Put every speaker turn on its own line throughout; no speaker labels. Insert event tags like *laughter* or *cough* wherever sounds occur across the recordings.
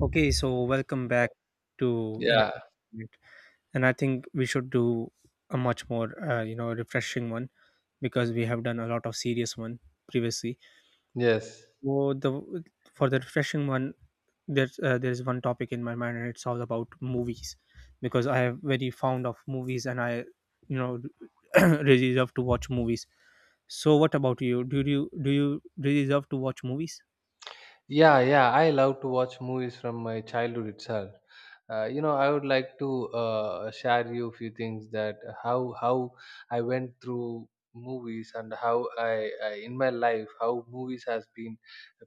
Okay, so welcome back to
Yeah.
another unit. And I think we should do a much more you know refreshing one because we have done a lot of serious one previously.
Yes.
So the for the refreshing one, there's one topic in my mind and it's all about movies because I am very fond of movies and I you know *clears throat* really love to watch movies. So what about you? Do you really love to watch movies?
Yeah. I love to watch movies from my childhood itself. You know, I would like to share you a few things that how I went through movies and how I in my life how movies has been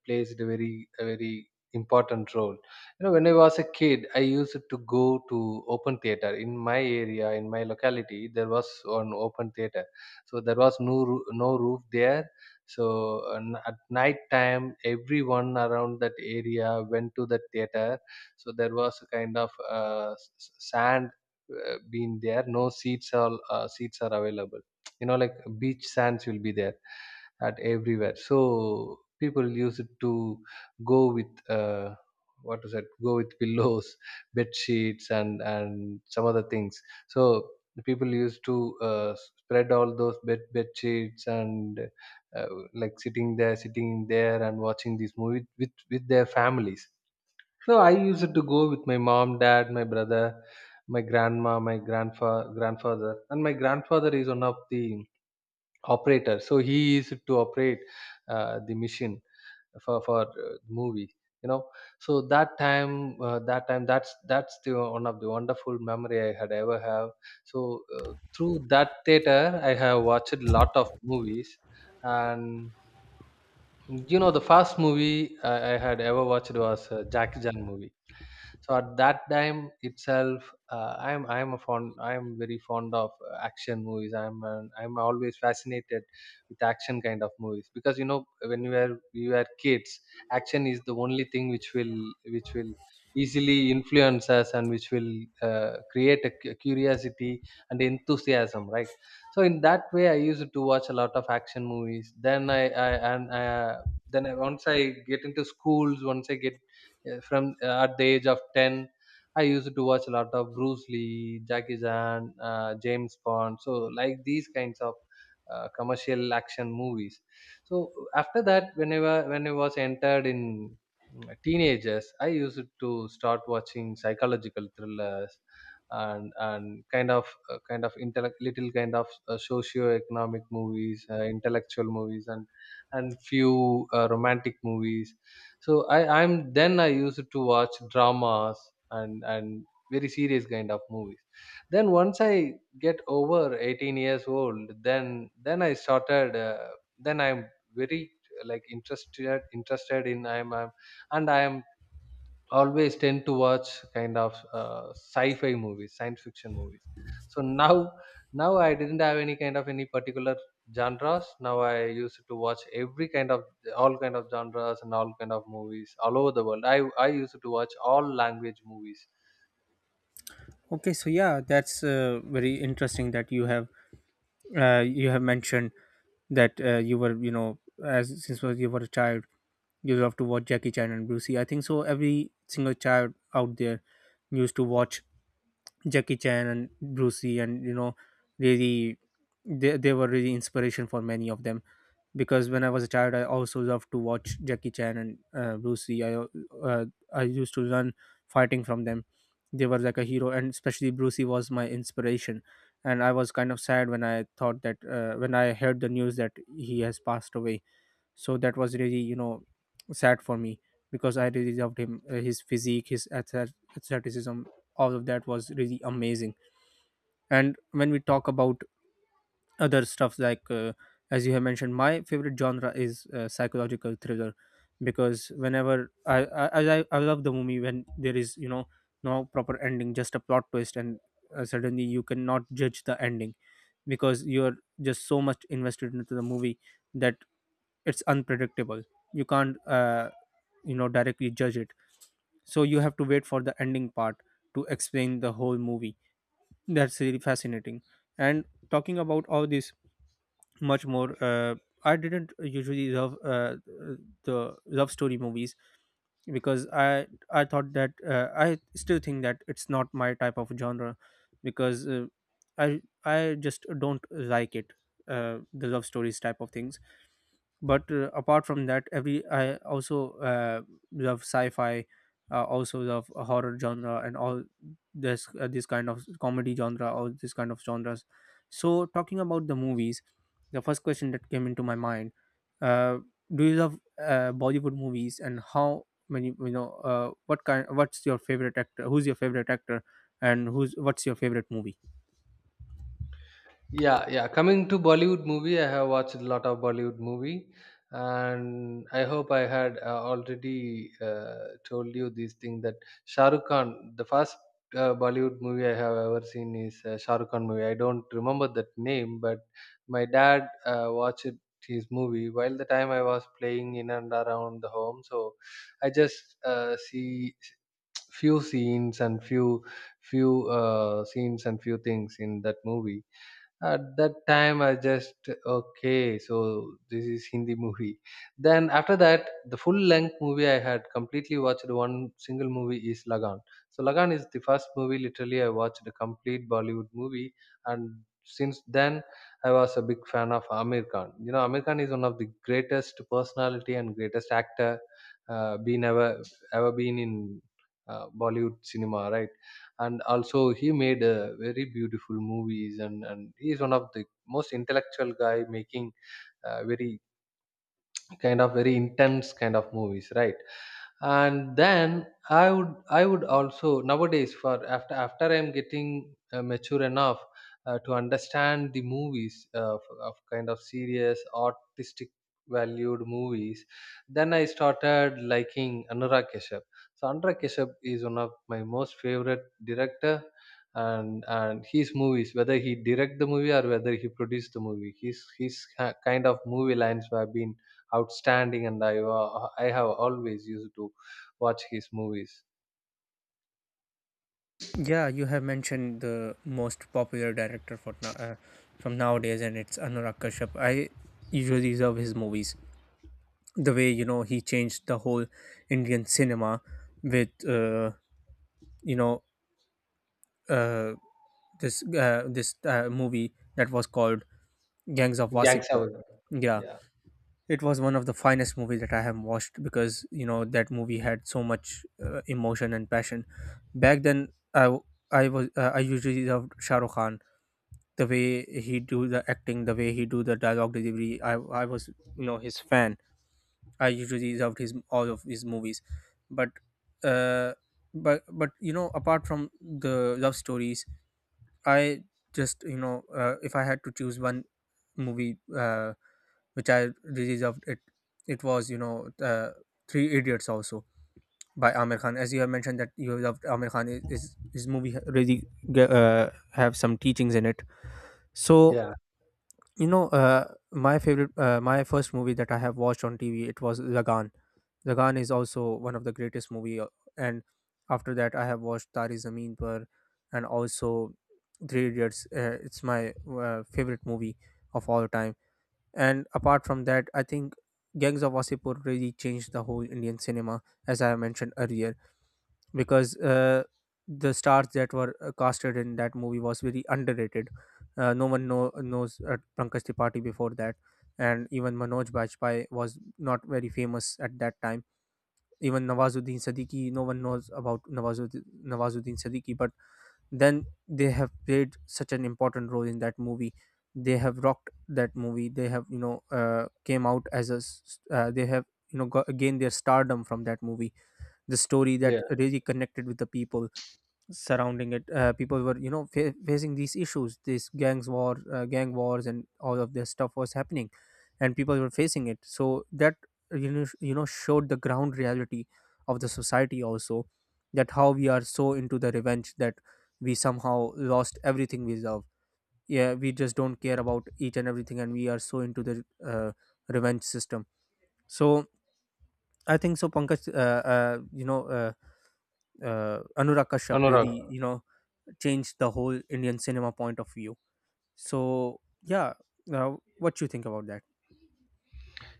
placed a very important role. You know, when I was a kid, I used to go to open theater in my area in my locality. There was one open theater, so there was no roof there. So and at night time, everyone around that area went to the theater. So there was a kind of sand being there. No seats are Seats are available. You know, like beach sands will be there at everywhere, so people use it to go with what is it go with pillows *laughs* bed sheets and some other things. So the people used to uh, spread all those bed sheets and, uh, like, sitting there and watching these movies with their families. So I used to go with my mom, dad, my brother, my grandma, my grandfather, and my grandfather is one of the operator, so he is to operate the machine for movie, you know. So that time, that's the one of the wonderful memory I had ever have. So through that theater I have watched a lot of movies. And you know, the first movie I had ever watched was Jackie Chan movie. So at that time itself, I'm very fond of action movies. I'm always fascinated with action kind of movies, because you know, when we were kids, action is the only thing which will easily influence us and which will create a curiosity and enthusiasm, right? So in that way, I used to watch a lot of action movies. Then I and I, then I, Once I get into schools, once I get from at the age of 10, I used to watch a lot of Bruce Lee, Jackie Chan, James Bond, so like these kinds of commercial action movies. So after that, whenever when I was entered in teenagers, I used to start watching psychological thrillers and kind of, intellect, little kind of socio-economic movies, intellectual movies, and few romantic movies. So I, I'm then I used to watch dramas and very serious kind of movies. Then once I get over 18 years old, then I started. Then I'm Very like interested in, I am always tend to watch kind of sci-fi movies, science fiction movies. So now, I didn't have any particular genres. Now I used to watch every kind of, all kind of genres and all kind of movies all over the world. I used to watch all language movies.
Okay, so yeah, that's very interesting that you have mentioned that you were, you know, as since was you were a child you love to watch Jackie Chan and Bruce Lee. I think so. Every single child out there used to watch Jackie Chan and Bruce Lee, and, you know, really they were really inspiration for many of them because when I was a child I also loved to watch Jackie Chan and Bruce Lee. Uh, I used to learn fighting from them. They were like a hero, and especially Bruce Lee was my inspiration, and I was kind of sad when I thought that when I heard the news that he has passed away. So that was really, you know, sad for me because I really loved him, his physique, his athleticism. All of that was really amazing. And when we talk about other stuff like, as you have mentioned, my favorite genre is psychological thriller because whenever I love the movie when there is, you know, no proper ending, just a plot twist, and suddenly you cannot judge the ending because you're just so much invested into the movie that it's unpredictable. You can't, you know, directly judge it. So you have to wait for the ending part to explain the whole movie. That's really fascinating. And talking about all this much more, I didn't usually love, the love story movies because i thought that I still think that it's not my type of genre because, uh, i I just don't like it, the love stories type of things. But apart from that, every I also, love sci-fi, also love horror genre, and all this kind of comedy genre, all this kind of genres. So talking about the movies, the first question that came into my mind, uh, do you love bollywood movies, and how many, you know, uh, what's your favorite actor, who's your favorite actor, and who's what's your favorite movie?
Yeah, yeah. Coming to Bollywood movie, I have watched a lot of Bollywood movie, and I hope I had already told you this thing that Shah Rukh Khan, the first Bollywood movie I have ever seen is Shah Rukh Khan movie. I don't remember that name, but my dad watched his movie while the time I was playing in and around the home. So I just see few scenes and few few scenes and few things in that movie. At that time I just okay, so this is Hindi movie. Then after that, the full length movie I had completely watched one single movie is Lagan. So Lagan is the first movie literally I watched a complete Bollywood movie. And since then, I was a big fan of Amir Khan. You know, Amir Khan is one of the greatest personality and greatest actor been ever ever been in Bollywood cinema, right? And also he made a very beautiful movies, and he is one of the most intellectual guy making uh, very very intense kind of movies, right? And then I would also nowadays for after I'm getting mature enough to understand the movies, of kind of serious artistic valued movies. Then I started liking Anurag Kashyap. So Anurag Kashyap is one of my most favorite director, and his movies, whether he direct the movie or whether he produced the movie, his kind of movie lines have been outstanding, and I have always used to watch his movies.
Yeah, you have mentioned the most popular director for now, from nowadays, and it's Anurag Kashyap. I usually love his movies. The way, you know, he changed the whole Indian cinema with, you know uh, this this movie that was called Gangs of
Gangsta.
Wasipur. Yeah,
Yeah,
it was one of the finest movies that I have watched because you know that movie had so much emotion and passion. Back then, I w- I was I usually loved Shah Rukh Khan, the way he do the acting, the way he do the dialogue delivery. I was, you know, his fan. I usually loved his all of his movies. But uh but but you know, apart from the love stories, I just, you know, if I had to choose one movie which I really loved it, it was, you know, three idiots also by Amir Khan. As you have mentioned that you loved Amir Khan, is his movie really have some teachings in it. So,
yeah,
you know, my favorite, my first movie that I have watched on tv, it was lagan. Lagan is also one of the greatest movie, and after that I have watched tari zameen par, and also three idiots, it's my favorite movie of all time. And apart from that, I think gangs of wasseypur really changed the whole indian cinema, as I mentioned earlier, because the stars that were casted in that movie was very underrated. No one knows Pankaj Tripathi before that, and even Manoj Bajpayee was not very famous at that time. Even Nawazuddin Siddiqui, no one knows about Nawazuddin Siddiqui. But then they have played such an important role in that movie. They have rocked that movie. They have, you know, came out as a s- s- they have, you know, gained their stardom from that movie. The story that
yeah.
really connected with the people surrounding it, people were, you know, facing these issues, this gangs war, gang wars, and all of this stuff was happening and people were facing it. So that, you know, you know, showed the ground reality of the society also, that how we are so into the revenge that we somehow lost everything we love. Yeah, we just don't care about each and everything, and we are so into the revenge system. So I think so pankaj you know anurag kashyap
Anurag.
really, you know, changed the whole Indian cinema point of view. So yeah, now what you think about that?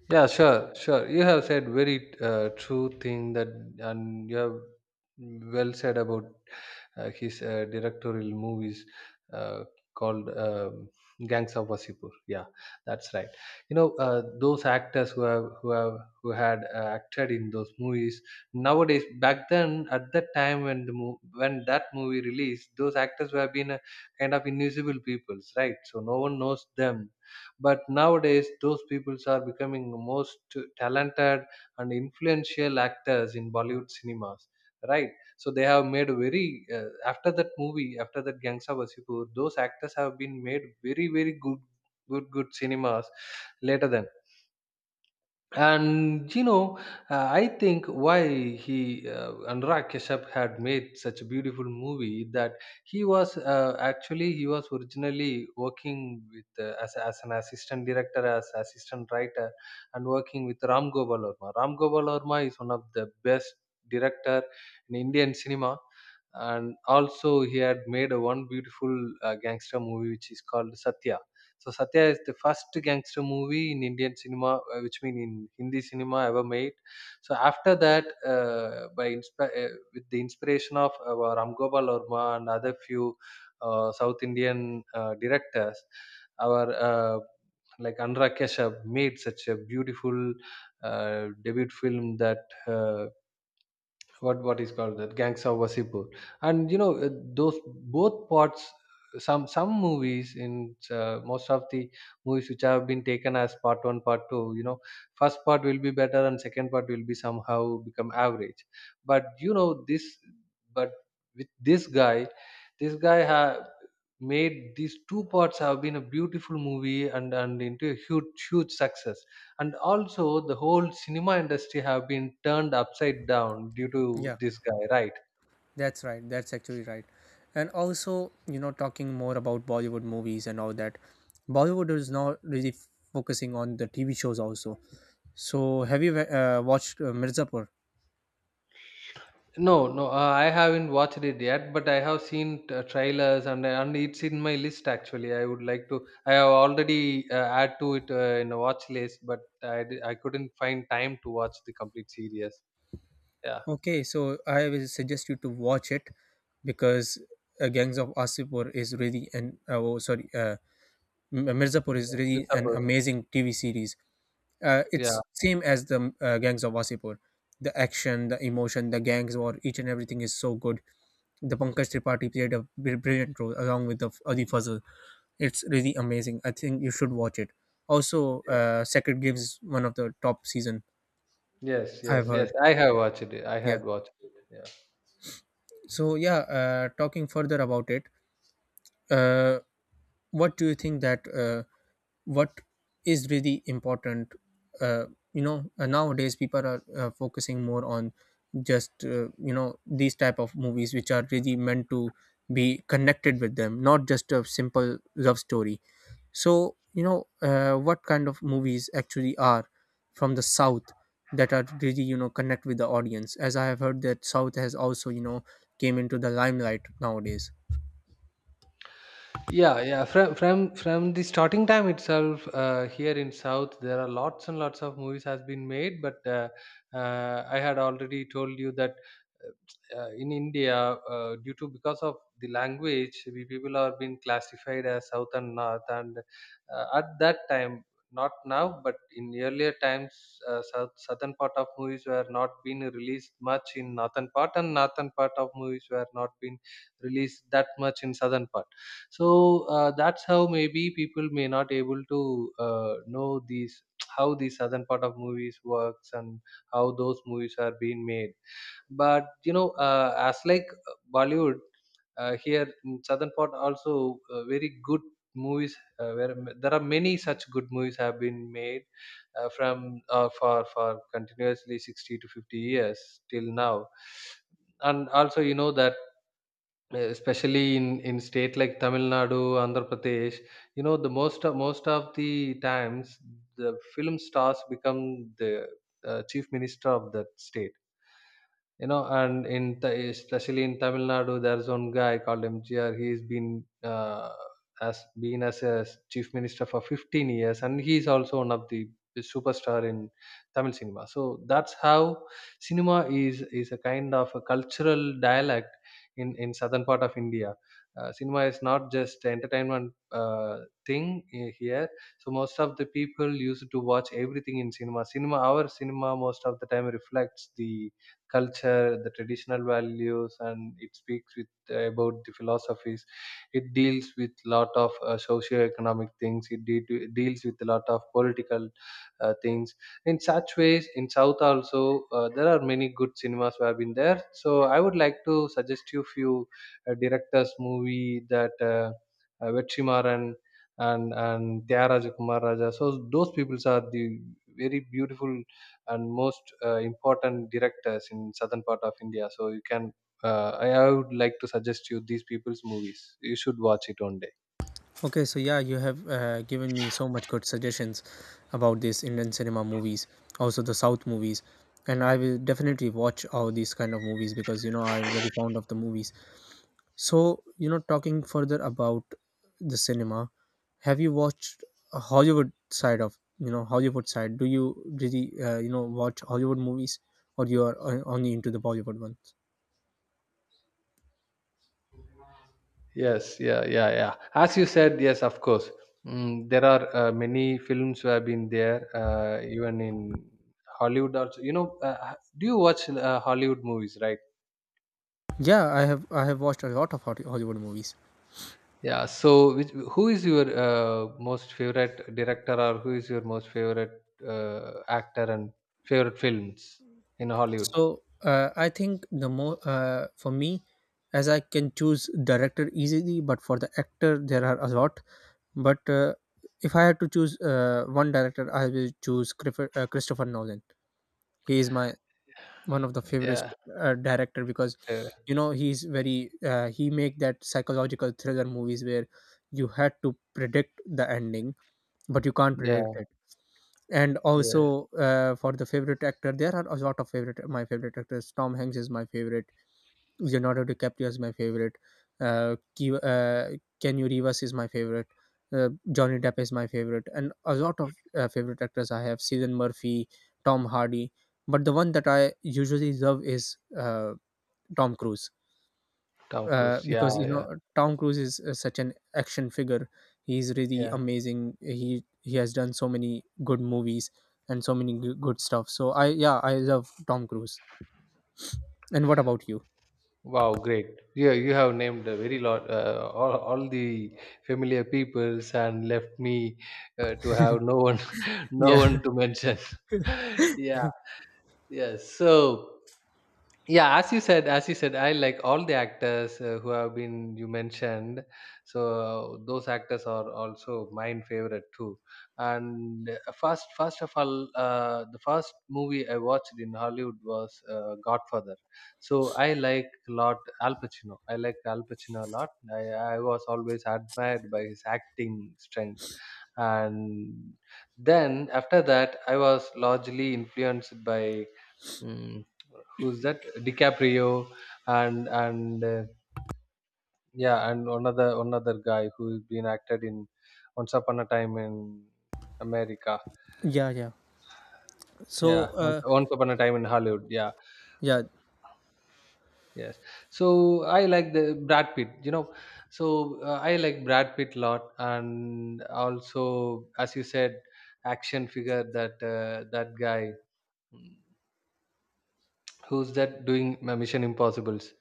Yeah, sure. You have said very true thing that, and you have well said about his directorial movies uh, called Gangs of Wasipur. Yeah, that's right. You know, those actors who had acted in those movies nowadays. Back then, at that time when when that movie released, those actors were been a kind of invisible peoples, right? So no one knows them, but nowadays, those peoples are becoming most talented and influential actors in Bollywood cinemas, right? So they have made very, after that movie, after that Gangsta Vasipur, those actors have been made very good, good cinemas later then. And you know, I think why he, Anurag Kashyap had made such a beautiful movie, that he was, actually he was originally working with, as an assistant director, as assistant writer, and working with Ram Gopal Varma. Ram Gopal Varma is one of the best director in Indian cinema, and also he had made a one beautiful gangster movie which is called Satya. So Satya is the first gangster movie in Indian cinema, which mean in Hindi cinema ever made. So after that, with the inspiration of Ram Gopal Varma and other few South Indian directors, our like Anurag Kashyap made such a beautiful debut film that, what is called that Gangs of Wasipur. And you know, those both parts, some movies in, most of the movies which have been taken as part 1 part 2, you know, first part will be better and second part will be somehow become average. But you know, this, but with this guy, this guy ha- made these two parts have been a beautiful movie, and into a huge success. And also the whole cinema industry have been turned upside down due to
Yeah,
this guy, right?
that's right. That's actually right. And also, you know, talking more about Bollywood movies and all that, Bollywood is now really focusing on the TV shows also. So, have you watched Mirzapur?
No, I haven't watched it yet, but I have seen trailers, and it's in my list. Actually I would like to, I have already add to it in a watch list, but I couldn't find time to watch the complete series. Yeah.
Okay, so I will suggest you to watch it because Gangs of Asipur is really an oh, sorry, M- Mirzapur is
Miss
really an
Apple.
amazing TV series.
Yeah,
It's same as the gangs of Wasipur. The action, the emotion, the gangs war, each and everything is so good. The Pankaj Tripathi played a brilliant role along with the Adi Fazl. It's really amazing. I think you should watch it. Also,
yeah.
Sacred Games is one of the top season
yes yes
I've
yes
heard.
I have watched it, i
Yeah.
had watched it Yeah.
So yeah, talking further about it, uh, what do you think that, what is really important, uh, you know, nowadays people are focusing more on just, you know, these type of movies which are really meant to be connected with them, not just a simple love story. So you know, what kind of movies actually are from the south that are really, you know, connect with the audience, as I have heard that south has also, you know, came into the limelight nowadays.
Yeah, yeah. From the starting time itself, here in South, there are lots and lots of movies has been made. But I had already told you that, in India, due to because of the language, we people are being classified as South and North. And at that time, not now, but in earlier times, southern part of movies were not being released much in northern part, and northern part of movies were not being released that much in southern part. So that's how maybe people may not able to know these *tsk* how the southern part of movies works and how those movies are being made. But you know, as like Bollywood, here in southern part also, very good movies, there are many such good movies have been made from for continuously 60 to 50 years till now. And also you know that especially in state like Tamil Nadu, Andhra Pradesh, you know, the most of the times the film stars become the chief minister of that state, you know. And especially in Tamil Nadu, there's one guy called MGR. He's been, uh, as been as a chief minister for 15 years, and he's also one of the superstar in Tamil cinema. So that's how cinema is a kind of a cultural dialect in southern part of India. Cinema is not just entertainment uh, thing here. So most of the people used to watch everything in cinema. Our cinema most of the time reflects the culture, the traditional values, and it speaks with about the philosophies. It deals with lot of socio-economic things. It deals with a lot of political things. In such ways, in South also there are many good cinemas who have been there. So I would like to suggest you few directors' movie that Vetrimaran and Tyagaraja Kumar Raja. So those peoples are the very beautiful and most important directors in southern part of India. So you can, I would like to suggest you these people's movies. You should watch it one day.
Okay, so yeah, you have given me so much good suggestions about these Indian cinema movies, also the South movies, and I will definitely watch all these kind of movies because you know I'm very fond of the movies. So you know, talking further about the cinema, have you watched a Hollywood side of, you know, Hollywood side? Do you really, you know, watch Hollywood movies, or you are only into the Bollywood ones?
Yes, yeah, yeah, yeah. As you said, yes, of course. Mm, there are many films who have been there, even in Hollywood. Also, you know, do you watch Hollywood movies, right?
Yeah, I have watched a lot of Hollywood movies.
Yeah. So, which, who is your most favorite director, or who is your most favorite actor and favorite films in Hollywood?
So I think the more, for me, as I can choose director easily, but for the actor there are a lot. But if I had to choose one director, I will choose Christopher Nolan. He is my one of the favorite
Yeah.
director because
Yeah,
you know he's very he make that psychological thriller movies where you had to predict the ending but you can't predict
yeah,
it. And
yeah.
also, for the favorite actor, there are a lot of favorite, my favorite actors. Tom Hanks is my favorite. Leonardo DiCaprio is my favorite. Uh, Ke- uh, Kenny Reeves is my favorite. Johnny Depp is my favorite, and a lot of favorite actors I have: Cillian Murphy, Tom Hardy. But the one that I usually love is Tom Cruise,
Tom Cruise. Yeah,
because you
yeah,
know Tom Cruise is such an action figure. He's really
yeah.
amazing. He has done so many good movies and so many good stuff. So I, yeah, I love Tom Cruise. And what about you?
Wow, great. Yeah, you have named a very lot, all the familiar peoples and left me to have no one, *laughs* no
Yeah,
one to mention. *laughs* Yeah, yes. So. Yeah, as you said, I like all the actors who have been you mentioned. So those actors are also mine favorite too. And first of all, the first movie I watched in Hollywood was Godfather. So I like a lot. Al Pacino, I like Al Pacino a lot. I was always admired by his acting strength, and then after that I was largely influenced by mm, who's that, DiCaprio. And yeah, and another guy who's been acted in Once Upon a Time in America.
*laughs* yeah, yeah.
Yeah,
So,
Once, Once Upon a Time in Hollywood. Yeah,
Yeah,
yes. So I like the Brad Pitt, you know. So I like Brad Pitt a lot, and also as you said, action figure, that that guy. Hmm, who's that doing my Mission Impossible's?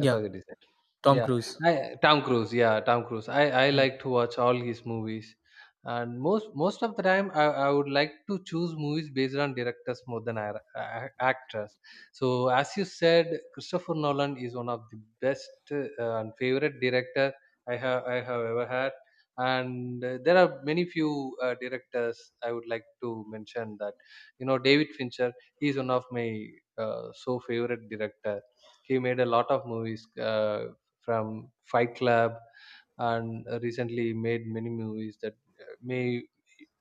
I forget his name.
Tom
Yeah,
Cruise.
Tom Cruise. Yeah, Tom Cruise. I
Hmm.
like to watch all his movies, and most of the time I would like to choose movies based on directors more than actors. So as you said, Christopher Nolan is one of the best and favorite director I have ever had. And there are many few directors I would like to mention that, you know, David Fincher, he is one of my so favorite director. He made a lot of movies, from Fight Club, and recently made many movies that uh, may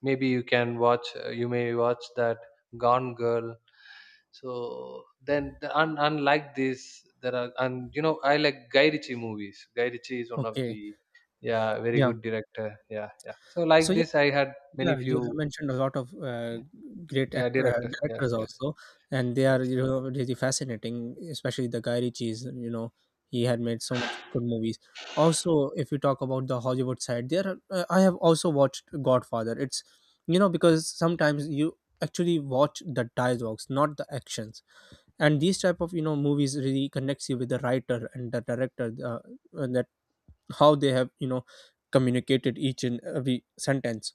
maybe you can watch. You may watch that Gone Girl. So then, unlike this, there are, and you know I like Guy Ritchie movies. Guy Ritchie is one of
Okay,
the, yeah, very
yeah.
good director. Yeah, yeah. So
So
like
yeah,
this, I had many
yeah, you have
few,
mentioned a lot of great
yeah,
actor
directors. Yes,
directors
yes,
also, and they
yes.
are, you know, really fascinating, especially the Guy Ritchie's. You know, he had made so much good movies. Also, if you talk about the Hollywood side, there are, I have also watched Godfather. It's because sometimes you actually watch the dialogues, not the actions, and these type of movies really connects you with the writer and the director, and that how they have communicated each and every sentence,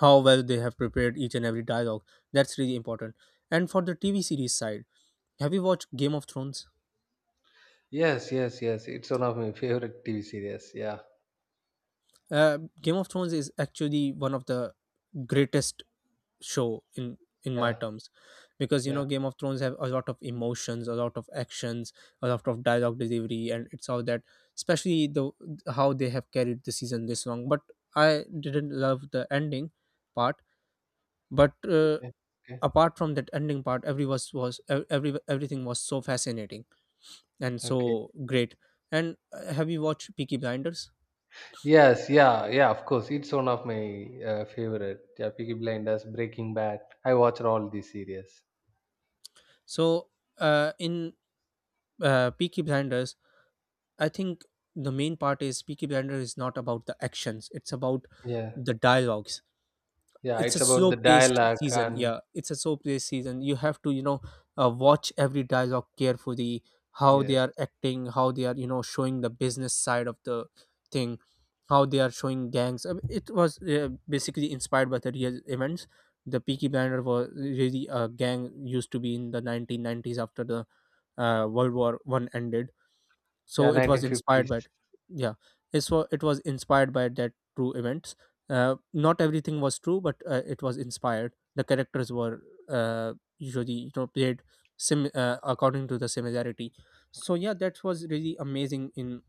how well they have prepared each and every dialogue. That's really important. And for the TV series side, have you watched Game of Thrones?
Yes, yes, yes. It's one of my favorite TV series. Yeah,
Game of Thrones is actually one of the greatest show in my
yeah,
terms, because
yeah.
Game of Thrones have a lot of emotions, a lot of actions, a lot of dialogue delivery, and it's all that. Especially the how they have carried the season this long, but I didn't love the ending part. But
Okay, okay,
apart from that ending part, every was ev- every everything was so fascinating and
okay.
so great. And have you watched Peaky Blinders?
Yes, yeah, yeah. Of course, it's one of my favorite. Yeah, Peaky Blinders, Breaking Bad. I watched all these series.
So in Peaky Blinders, I think the main part is Peaky Blinders is not about the actions, it's about
Yeah,
the dialogues.
yeah.
It's a
It's about
slow
the
paced
dialogue
season.
and,
Yeah, it's a slow paced season. You have to watch every dialogue carefully, how they
yes,
are acting, how they are showing the business side of the thing, how they are showing gangs. I mean, it was basically inspired by the real events. The Peaky Blinder was really a gang used to be in the 1990s after the World War One ended.
yeah,
So it was inspired
1950s.
by, yeah, it was inspired by that true events. Not everything was true, but it was inspired, the characters were usually played sim according to the similarity. So yeah, that was really amazing. In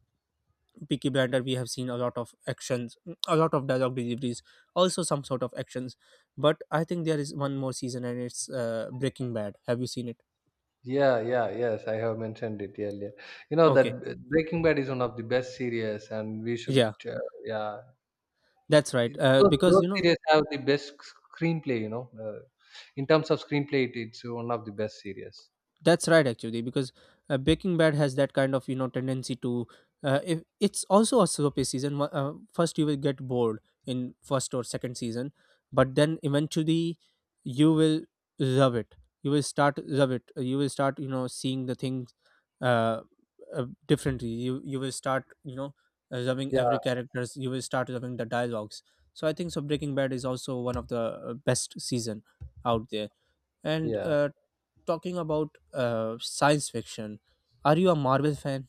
Peaky Blinder we have seen a lot of actions, a lot of dialogue deliveries, also some sort of actions. But I think there is one more season, and it's Breaking Bad. Have you seen it?
Yeah, yeah, yes. I have mentioned it earlier. You know that
Okay.
Breaking Bad is one of the best series, and we should,
Yeah,
uh, yeah.
that's right.
Those
Because
those series have the best screenplay, you know. In terms of screenplay, it's one of the best series.
that's right, actually, because Breaking Bad has that kind of tendency to. If it's also a soapy season. First, you will get bored in first or second season, but then eventually you will love it. You will start love it. You will start seeing the things uh, differently. You will start loving
Yeah,
every characters. You will start loving the dialogues. So I think so, Breaking Bad is also one of the best season out there. And
yeah.
talking about science fiction, are you a Marvel fan?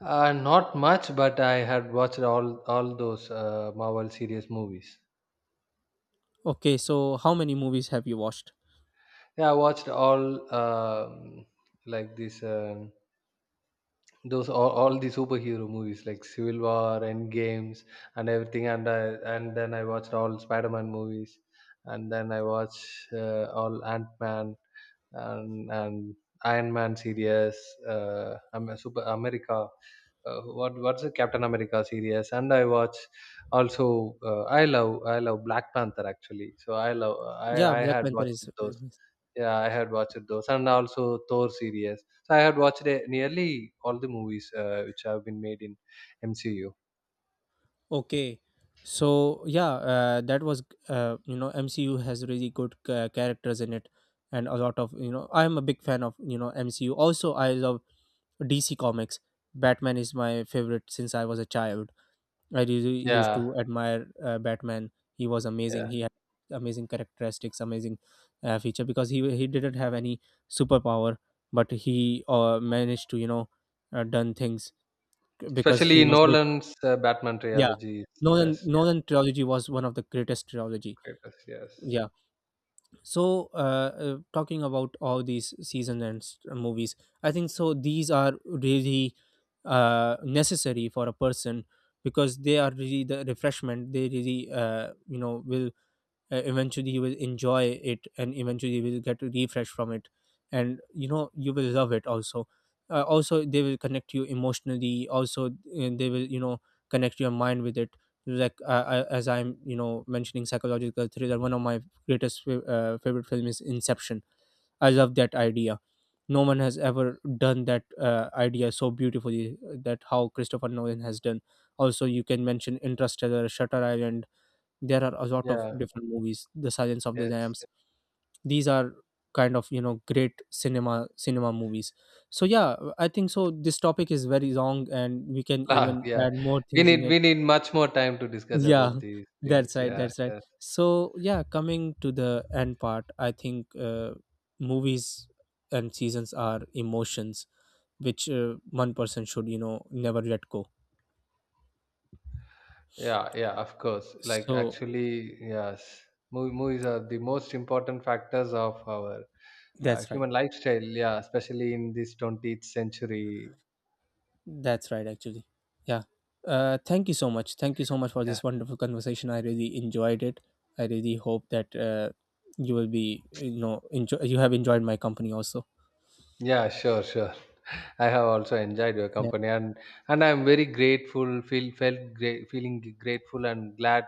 Not much, but I had watched all those Marvel series movies.
Okay, so how many movies have you watched?
Yeah, I watched all, like this those all the superhero movies like Civil War, End Games, and everything. And I, and then I watched all Spider Man movies, and then I watched all Ant Man and Iron Man series, Super America. What's the Captain America series? And I watch also. I love Black Panther actually. So I love
Yeah,
I
Black
had
Panther
watched
is
those. Yeah, I had watched those, and also Thor series. So I had watched nearly all the movies which have been made in MCU.
okay. So yeah, that was MCU has really good characters in it, and a lot of I'm a big fan of MCU. Also, I love DC Comics. Batman is my favorite since I was a child. I really used
Yeah,
to admire Batman. He was
yeah.
amazing. He had amazing characteristics, amazing feature, because he didn't have any superpower, but he managed to done things because he
Especially
was rich.
Nolan's Batman
Yeah,
trilogy is the
Nolan
best.
Nolan trilogy was one of the greatest trilogy.
Yeah, greatest. Yes.
Yeah, so talking about all these season and movies, I think so these are really necessary for a person, because they are really the refreshment. They really, will eventually you will enjoy it, and eventually you will get refreshed from it, and you will love it also. Also, they will connect you emotionally, also they will connect your mind with it. Like I, as I'm mentioning psychological thriller, one of my greatest favorite film is Inception. I love that idea. No one has ever done that idea so beautifully, that how Christopher Nolan has done. Also you can mention Interstellar, Shutter Island. There are a lot of
Yeah.
different movies, The Silence of the
Yes.
Lambs. These are kind of great cinema, cinema movies. So yeah, I think so this topic is very long, and we can
Class,
even
yeah.
add more
We
things in
need
it.
we need much more time to discuss
*laughs* Yeah,
about these things.
that's right,
Yeah,
that's right.
yeah,
So yeah, coming to the end part, I think movies and seasons are emotions which one person should never let go.
yeah, yeah. Of course. Like
So
actually, yes. Movies are the most important factors of our
that's right.
human lifestyle. Yeah, especially in this 20th century.
That's right, actually. Yeah. Thank you so much. Thank you so much for
Yeah,
this wonderful conversation. I really enjoyed it. I really hope that you will be, you know, enjoy. You have enjoyed my company also.
yeah. Sure, sure. *laughs* I have also enjoyed your
Yeah.
company, and I'm very grateful. Feel Felt great, feeling grateful and glad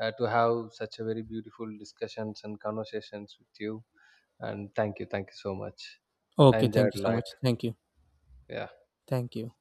to have such a very beautiful discussions and conversations with you. And thank you so much. I
Okay. Thank
enjoyed a
you so
lot.
much. Thank you.
Yeah.
Thank you.